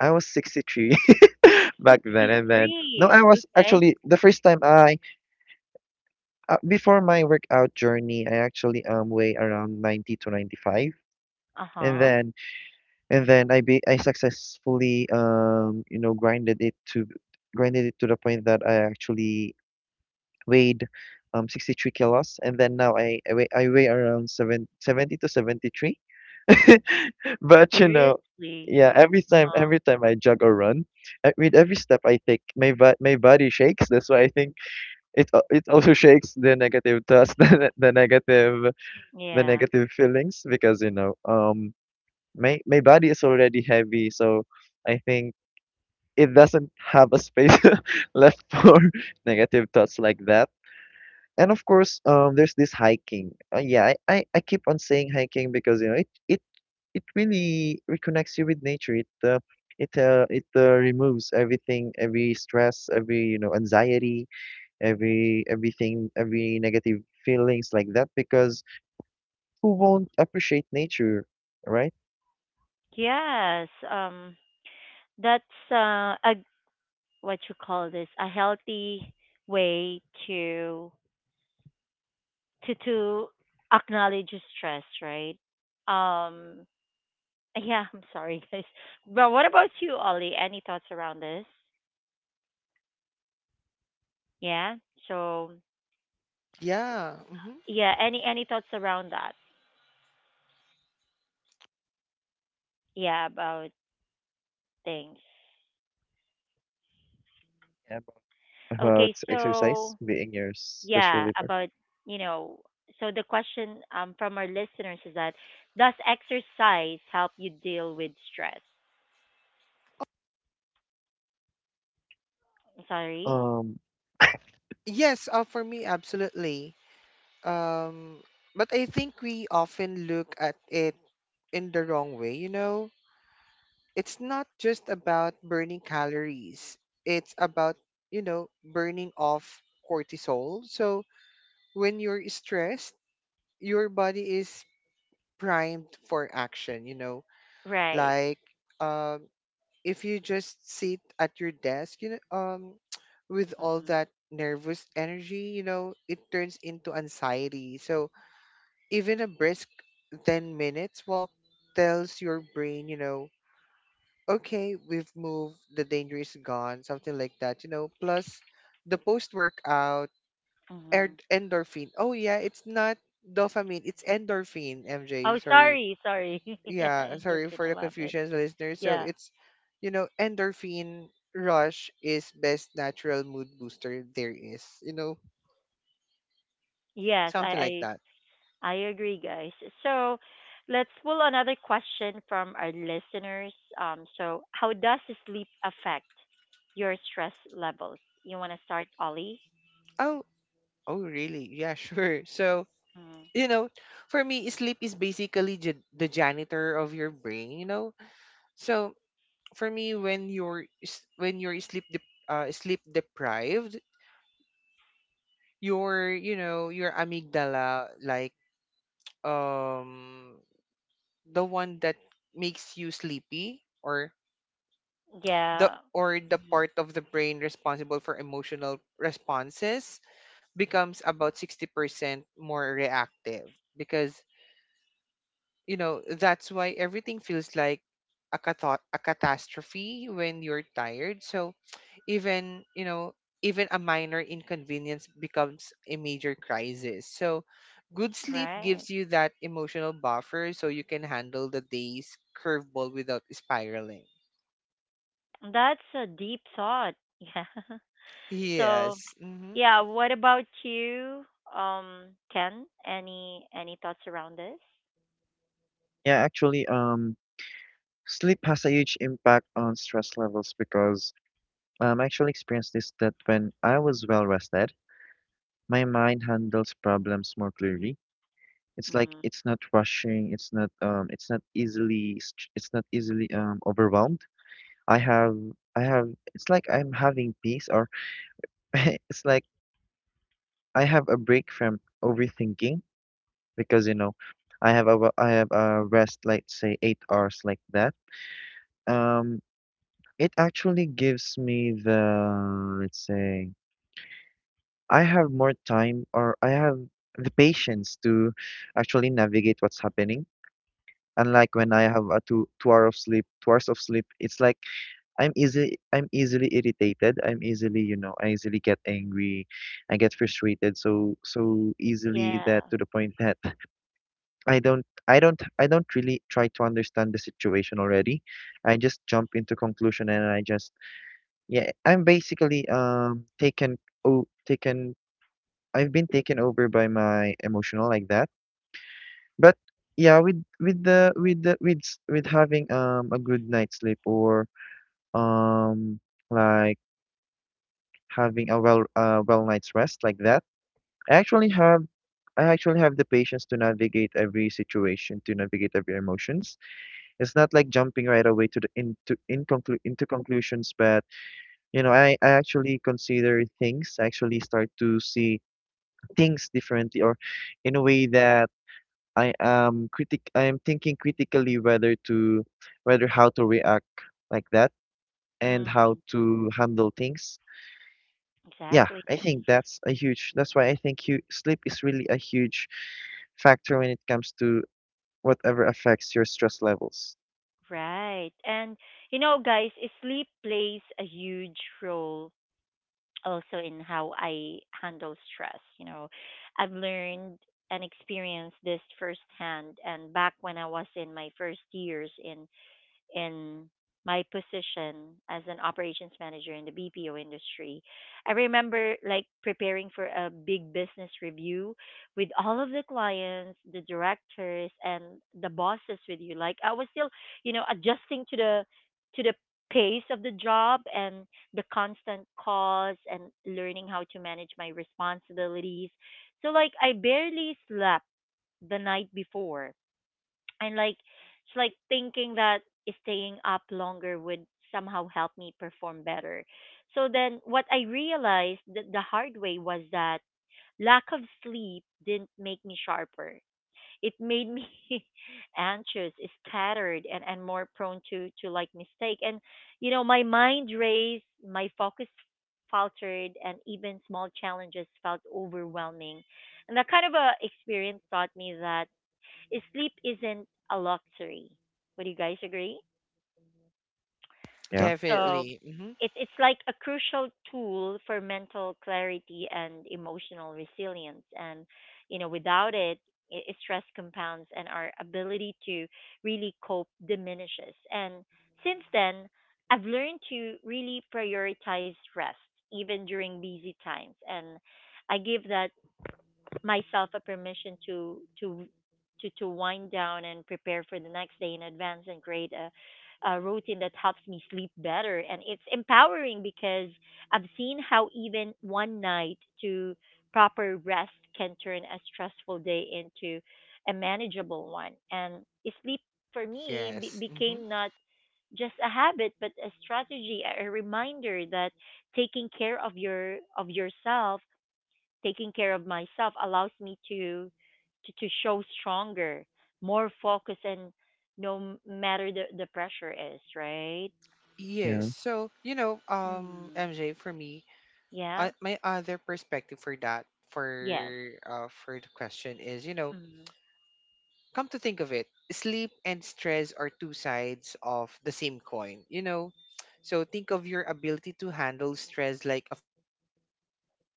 C: I was 63 back then and then no,
A: 63.
C: I was
A: Okay.
C: actually the first time I before my workout journey, I actually weigh around 90 to 95. And
A: Uh-huh.
C: then I be I successfully you know grinded it to the point that I actually weighed 63 kilos, and then now I weigh around seven seventy to 73 but you know
A: Seriously.
C: yeah
A: Uh-huh.
C: every time I jog or run, I, with every step I take my body shakes. That's why I think it also shakes the negative thoughts the negative
A: Yeah.
C: feelings, because you know my my body is already heavy so I think it doesn't have a space left for negative thoughts like that. And of course, there's this hiking. Yeah, I keep on saying hiking because you know it really reconnects you with nature. It removes everything, every stress, every you know anxiety, every negative feelings like that. Because who won't appreciate nature, right?
A: Yes. That's a, what you call this, a healthy way to to acknowledge stress, right? Um yeah, I'm sorry, guys. But what about you, Ollie? Any thoughts around this? Yeah. So
B: Yeah. Mm-hmm.
A: yeah, any thoughts around that? Yeah, about things.
C: Yeah, about
A: Okay,
C: exercise
A: so
C: being your stress
A: yeah,
C: reliever.
A: about, you know, so the question from our listeners is that, does exercise help you deal with stress? Sorry.
C: Um,
B: Yes, for me, absolutely. Um, but I think we often look at it in the wrong way, you know? It's not just about burning calories, it's about, you know, burning off cortisol. So when you're stressed, your body is primed for action, you know?
A: Right.
B: Like, um, if you just sit at your desk, you know, with all
A: Mm-hmm.
B: that nervous energy, you know, it turns into anxiety. So even a brisk 10 minutes walk tells your brain, you know, okay, we've moved, the danger is gone, something like that, you know, plus the post workout
A: Mm-hmm.
B: endorphin. Oh, yeah, it's not dopamine, it's endorphin, MJ,
A: Oh,
B: sorry.
A: sorry, sorry. Yeah,
B: Yeah, sorry
A: endorphin
B: for the
A: a little bit.
B: confusion, listeners. So
A: Yeah.
B: it's, you know, endorphin rush is best natural mood booster there is. You know,
A: Yes, i
B: something like
A: i
B: that.
A: i agree, guys. So let's pull another question from our listeners. So how does sleep affect your stress levels? You want to start, Ollie?
B: Oh, oh, really? Yeah, sure. So,
A: Mm-hmm.
B: you know, for me, sleep is basically the janitor of your brain. You know, so for me, when when you're sleep deprived, your, you know, your amygdala, like, um the one that makes you sleepy, or
A: Yeah.
B: the
A: Mhm.
B: part of the brain responsible for emotional responses becomes about 60% more reactive, because, you know, that's why everything feels like a catastrophe when you're tired. So even, you know, even a minor inconvenience becomes a major crisis. So good sleep
A: Right.
B: gives you that emotional buffer, so you can handle the day's curveball without spiraling.
A: That's a deep thought. Yeah. So,
B: Yes. Hmm.
A: yeah, what about you? Ken, any thoughts around this?
C: yeah, actually, sleep has a huge impact on stress levels because I actually experienced this that when I was well rested, my mind handles problems more clearly. It's like
A: Mm.
C: it's not rushing, it's not easily st- it's not easily overwhelmed. I have I have it's like I'm having peace or it's like I have a break from overthinking because you know I have a rest like say 8 hours like that. Um, it actually gives me the let's say. I have more time or I have the patience to actually navigate what's happening. Unlike when I have a 2 hours of sleep, it's like I'm easily irritated. I'm easily, you know, I easily get angry. I get frustrated so so easily
A: Yeah.
C: that to the point that I don't really try to understand the situation already. I just jump into conclusion and I just yeah, I'm basically taken. I've been taken over by my emotional like that. But yeah, with with having a good night's sleep or um like having a well night's rest like that, I actually have I actually have the patience to navigate every situation, to navigate every emotions. It's not like jumping right away to the into in conclu into conclusions, but you know, I actually consider things, I actually start to see things differently or in a way that I am thinking critically whether to whether how to react like that and how
A: Mm.
C: to handle things. Yeah,
A: Exactly.
C: I think that's a huge, that's why I think you sleep is really a huge factor when it comes to whatever affects your stress levels.
A: Right. And you know, guys, sleep plays a huge role also in how I handle stress, you know. I've learned and experienced this firsthand, and back when I was in my first years in my position as an operations manager in the BPO industry, I remember like preparing for a big business review with all of the clients, the directors and the bosses with you. Like I was still, you know, adjusting to the pace of the job and the constant calls and learning how to manage my responsibilities. So like I barely slept the night before, and like it's like thinking that staying up longer would somehow help me perform better. So then what I realized that the hard way was that lack of sleep didn't make me sharper, it made me anxious, scattered, and more prone to like mistake, and, you know, my mind raced, my focus faltered, and even small challenges felt overwhelming. And that kind of a experience taught me that sleep isn't a luxury. Would you guys agree?
C: Yeah,
A: So
B: Definitely. Hmm.
A: it's like a crucial tool for mental clarity and emotional resilience. And you know, without it, stress compounds and our ability to really cope diminishes. And since then, I've learned to really prioritize rest even during busy times. And I give that myself a permission to wind down and prepare for the next day in advance and create a routine that helps me sleep better, and it's empowering because I've seen how even one night to proper rest can turn a stressful day into a manageable one. And sleep for me
B: Yes. Hmm.
A: became not just a habit but a strategy, a reminder that taking care of your, of yourself, taking care of myself allows me to show stronger, more focus, and no matter the pressure is, right?
B: Yes.
C: yeah,
B: So, you know,
A: Mm-hmm.
B: MJ, for me,
A: Yeah.
B: my other perspective for that,
A: Yes.
B: for the question is, you know,
A: Mm-hmm.
B: come to think of it, sleep and stress are two sides of the same coin, you know. So think of your ability to handle stress like a phone battery. So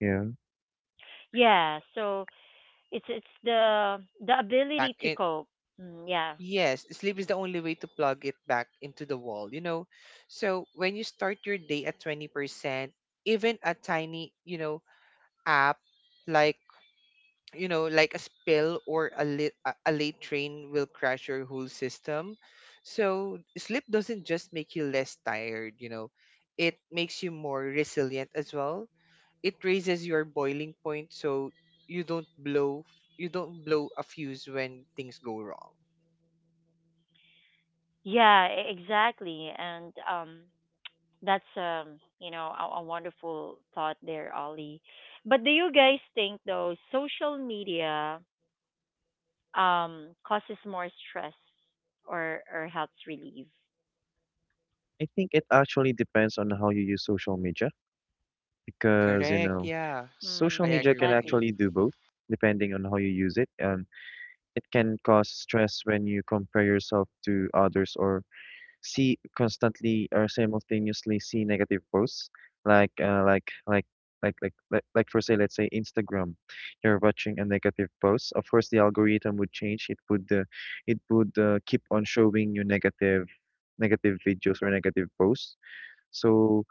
C: yeah.
B: stress drains the
A: Yeah.
B: battery, and
A: So
B: sleep is the
A: it's
B: only
A: it's
B: way to plug
A: the
B: it
A: the
B: back
A: ability to
B: in.
A: cope. Mm, yeah.
B: Yes, sleep is
A: Mm.
B: the only way to plug it back into the wall, you know. So when you start your day at 20%, even a tiny, you know, app, like, you know, like a spill or a late, a late train will crash your whole system. So sleep doesn't just make you less tired, you know. It makes you more resilient as well. It raises your boiling point, so you don't blow you don't blow a fuse when things go wrong.
A: Yeah. Exactly. And that's you know, a wonderful thought there, Ollie. But do you guys think, though, social media, causes more stress, or helps relieve?
C: I think it actually depends on how you use social media because, you
B: Correct.
C: know,
B: Yeah. I
A: Mm,
C: social media
B: agree
C: can
B: with you.
A: exactly.
C: actually do both depending on how you use it. And. It can cause stress when you compare yourself to others or see constantly or simultaneously see negative posts like like for say let's say Instagram. You're watching a negative post, of course the algorithm would change, it would keep on showing you negative videos or negative posts. So,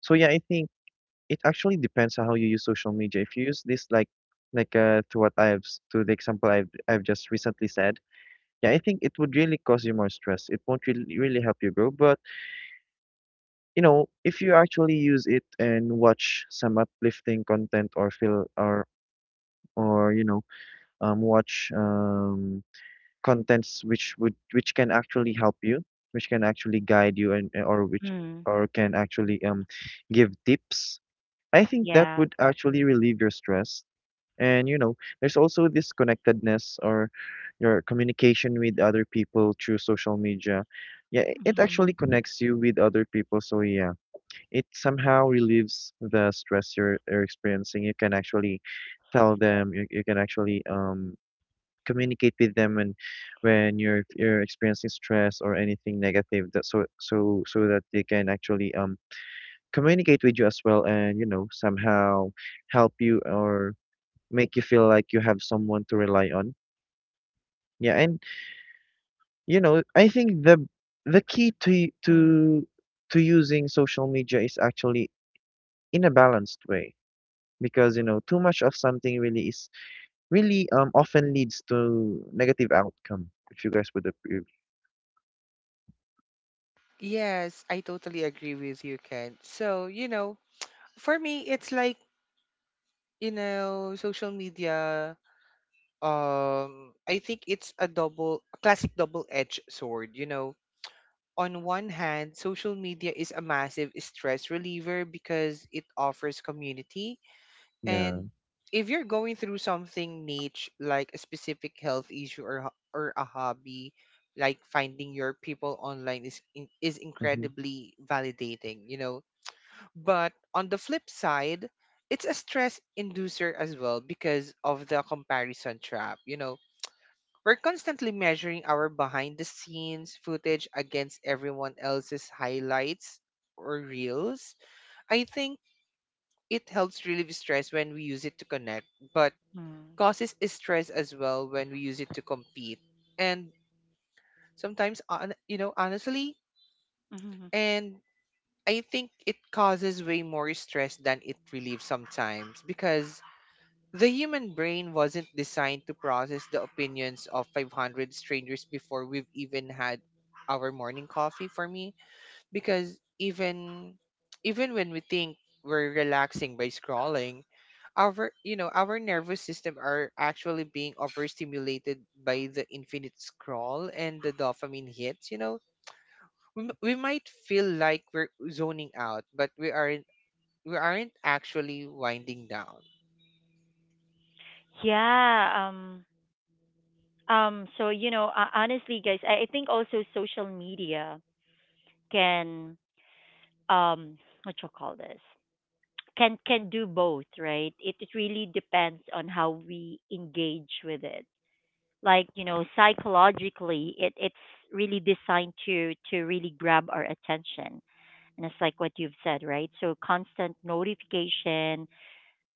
C: so yeah I think it actually depends on how you use social media. If you use this like to what to the example I've just recently said, yeah, I think it would really cause you more stress. It won't really help you grow. But you know, if you actually use it and watch some uplifting content, or feel or you know, watch contents which would which can actually help you, which can actually guide you, and or which
A: Mm,
C: or can actually give tips, I think that
A: yeah.
C: would actually relieve your stress. And you know, there's also this connectedness or your communication with other people through social media. Yeah, it actually
A: Mm,
C: connects you with other people. So yeah, it somehow relieves the stress you're experiencing. You can actually tell them. You can actually communicate with them when you're experiencing stress or anything negative, That so that they can actually communicate with you as well, and you know somehow help you or make you feel like you have someone to rely on. Yeah, and you know, I think the the key to
A: mm,
C: to to using social media is actually in a balanced way, because you know too much of something really often leads to negative outcome, if you guys would approve.
B: Yes, I totally agree with you, Ken. So, you know, for me, it's like, you know, social media, I think it's a double, a classic double-edged sword, you know. On one hand, social media is a massive stress reliever because it offers community.
C: Yeah.
B: And if you're going through something niche, like a specific health issue or a hobby, like finding your people online is is
C: Hmm.
B: incredibly validating, you know. But on the flip side, it's a stress inducer as well because of the comparison trap, you know. We're constantly measuring our behind the scenes footage against everyone else's highlights or reels. I think it helps relieve stress when we use it to connect, but
A: mm,
B: causes stress as well when we use it to compete. And sometimes you know, honestly,
A: mhm.
B: and I think it causes way more stress than it relieves sometimes, because the human brain wasn't designed to process the opinions of 500 strangers before we've even had our morning coffee. For me, because even, even when we think we're relaxing by scrolling, our, you know, our nervous system are actually being overstimulated by the infinite scroll and the dopamine hits, you know, we might feel like we're zoning out, but we aren't, we aren't actually winding down.
A: Yeah. So you know, honestly, guys, I think also social media can, um what you call this, can do both, right? It really depends on how we engage with it. Like, you know, psychologically it's really designed to really grab our attention, and it's like what you've said, right? So constant notification,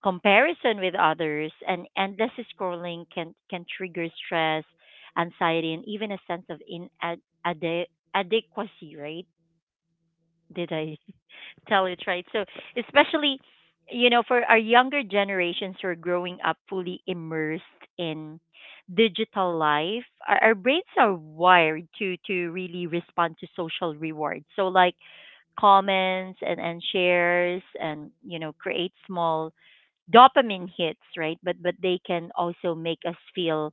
A: comparison with others, and endless scrolling can trigger stress, anxiety, and even a sense of inadequacy, right? Did I tell it right? So especially, you know, for our younger generations who are growing up fully immersed in digital life, our brains are wired to really respond to social rewards. So like comments and shares, and you know, create small dopamine hits, right? But they can also make us feel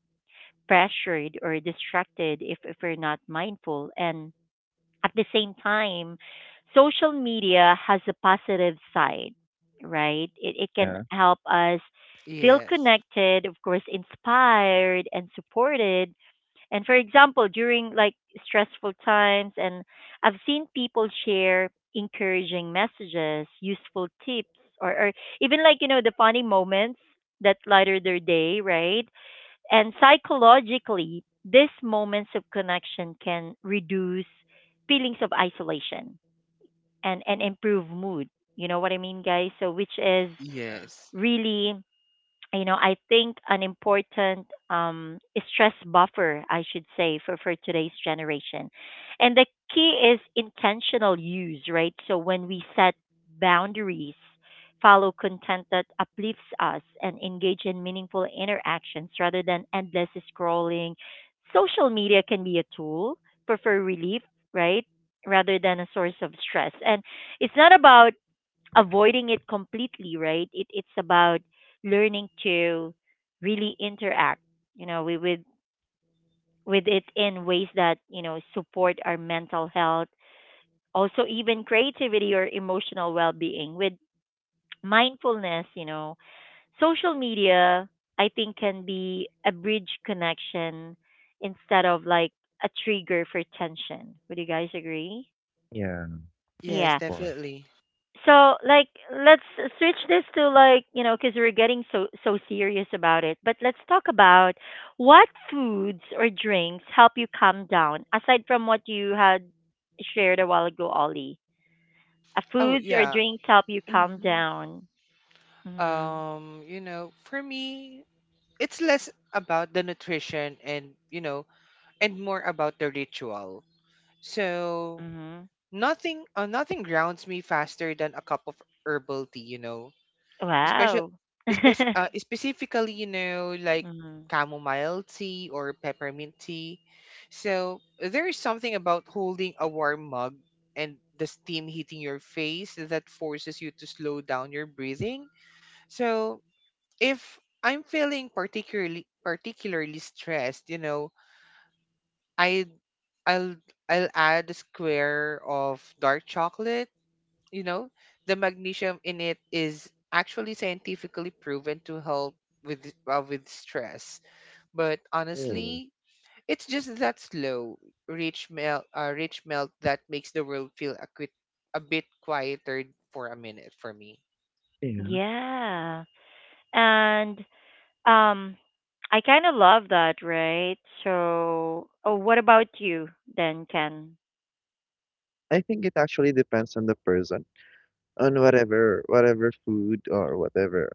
A: pressured or distracted if we're not mindful. And at the same time, social media has a positive side, right? It can
C: Yeah.
A: help us feel
B: Yes.
A: connected, of course, inspired, and supported. And for example, during like stressful times, and I've seen people share encouraging messages, useful tips, or even like, you know, the funny moments that lighter their day, right? And psychologically, these moments of connection can reduce feelings of isolation, and improve mood. You know what I mean, guys? So, which is
B: Yes.
A: really, you know, I think an important stress buffer, I should say, for today's generation. And the key is intentional use, right? So when we set boundaries, follow content that uplifts us, and engage in meaningful interactions rather than endless scrolling, social media can be a tool for relief, right? Rather than a source of stress. And it's not about avoiding it completely, right? It's about learning to really interact, you know, we with it in ways that, you know, support our mental health, also even creativity or emotional well-being with mindfulness, you know. Social media, I think, can be a bridge connection instead of like a trigger for tension. Would you guys agree?
C: Yeah, of
B: Yes,
A: Yeah.
C: course.
B: definitely.
A: So like, let's switch this to, like, you know, because we're getting so, so serious about it. But let's talk about what foods or drinks help you calm down, aside from what you had shared a while ago, Ollie.
B: Oh
A: Foods or
B: yeah.
A: drinks help you calm
B: Hmm.
A: down. Mhm.
B: You know, for me, it's less about the nutrition, and you know, and more about the ritual. So
A: Mhm.
B: nothing grounds me faster than a cup of herbal tea, you know, especially
A: Wow.
B: especially specifically, you know, like
A: Mhm.
B: chamomile tea or peppermint tea. So there is something about holding a warm mug and the steam hitting your face that forces you to slow down your breathing. So if I'm feeling particularly stressed, you know, I I'll I'll add a square of dark chocolate, you know. The magnesium in it is actually scientifically proven to help with stress. But
C: Oh,
B: honestly, it's just that slow rich melt that makes the world feel a bit quieter for a minute for me.
C: yeah,
A: Yeah. And um I kind of love that, right? So, oh, what about you then, Ken?
C: I think it actually depends on the person, on whatever whatever food or whatever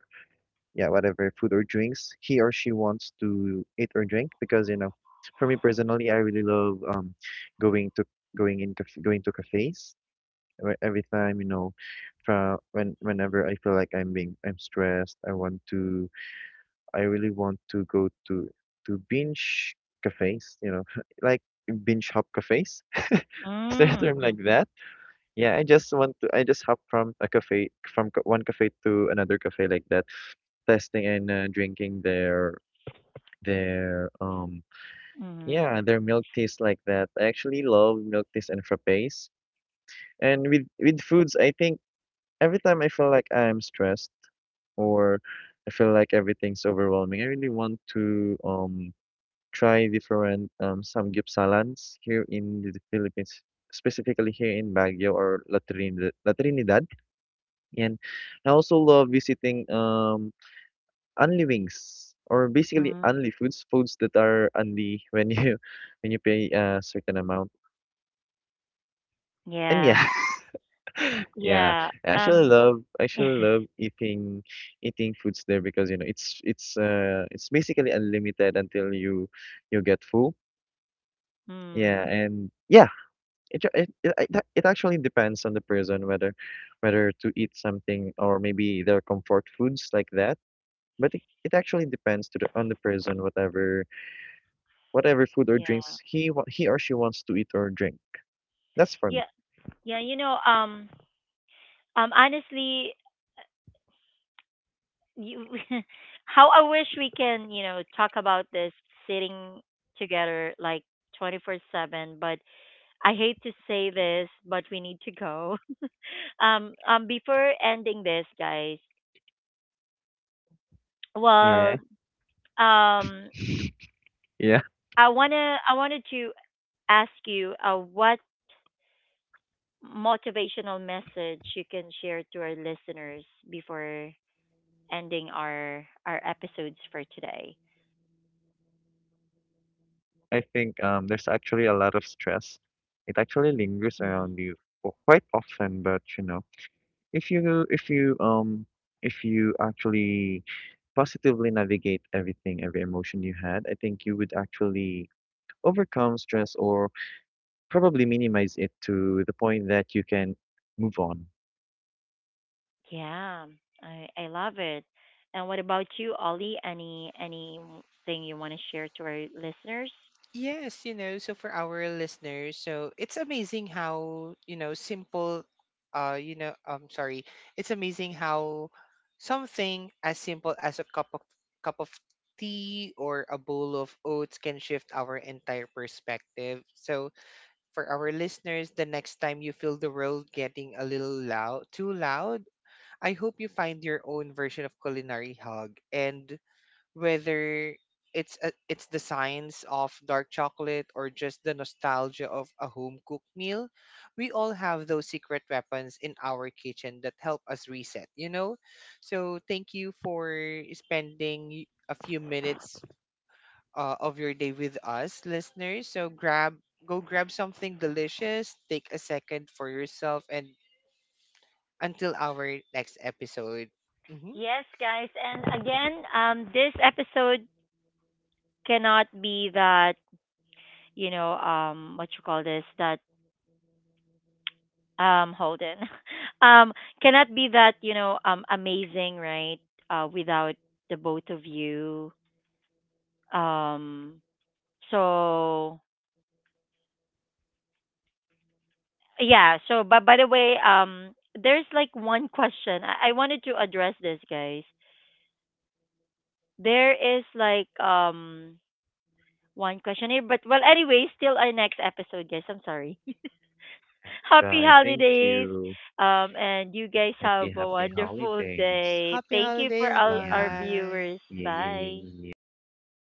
C: yeah, whatever food or drinks he or she wants to eat or drink. Because you know, for me personally, I really love going to cafes. Every time you know, from whenever I feel like I'm stressed, I want to go to binge cafes. You know, like binge hop cafes. Is there a
A: Mm,
C: term
A: mm,
C: like that? Yeah, I just want to. I just hop from a cafe, one cafe to another cafe like that, testing and drinking their
A: mhm,
C: yeah, their milk tastes like that. I actually love milk teas and frappes. And with foods, I think every time I feel like I'm stressed or I feel like everything's overwhelming, I really want to try different samgyeopsalans here in the Philippines, specifically here in Baguio or La Trinidad. And I also love visiting Only Wings, or basically
A: mhm.
C: only foods, foods that are only when you when you pay a certain amount. And
A: Yeah,
C: yeah. Yeah,
A: yeah. Um,
C: I actually love eating foods there because you know it's it's basically unlimited until you get full.
A: mm,
C: Yeah, and yeah, it it actually depends on the person whether whether to eat something or maybe their comfort foods like that. But it actually depends to the on the person, whatever whatever food or
A: yeah,
C: drinks he wa- he or she wants to eat or drink. That's for
A: yeah,
C: me.
A: yeah. You know, Honestly, you, how I wish we can, you know, talk about this sitting together like 24/7. But I hate to say this, but we need to go. Before ending this, guys.
C: Yeah,
A: Well, um,
C: yeah.
A: I wanted to ask you, what motivational message you can share to our listeners before ending our episodes for today?
C: I think there's actually a lot of stress. It actually lingers
A: Hmm.
C: around you quite often, but you know, if you if you if you actually positively navigate everything, every emotion you had, I think you would actually overcome stress, or probably minimize it to the point that you can move on.
A: Yeah, I love it. And what about you, Ollie? Anything you want to share to our listeners?
B: Yes, you know, so for our listeners, so it's amazing how, you know, simple, you know, I'm sorry, it's amazing how something as simple as a cup of tea or a bowl of oats can shift our entire perspective. So for our listeners, the next time you feel the world getting too loud, I hope you find your own version of culinary hug, and whether it's the science of dark chocolate or just the nostalgia of a home cooked meal, we all have those secret weapons in our kitchen that help us reset, you know? So thank you for spending a few minutes of your day with us, listeners. So grab go grab something delicious, take a second for yourself, and until our next episode. Hmm.
A: Yes, guys. And again, this episode cannot be that, you know, what you call this, that Holden, um cannot be that, you know, amazing, right? Without the both of you, um so yeah, so, but by the way, there's like one question, I wanted to address this, guys. There is like one question here, but well, anyway, still our next episode, guys, I'm sorry. Happy
C: Bye. Thank
A: holidays.
C: you.
A: And you guys have a
C: Happy
A: wonderful
C: holidays.
A: day.
B: Happy
A: Thank you for
B: holidays,
A: all our
C: Yeah.
B: bye.
A: viewers.
C: 耶耶耶
A: Bye.
C: 耶耶。
B: Listeners.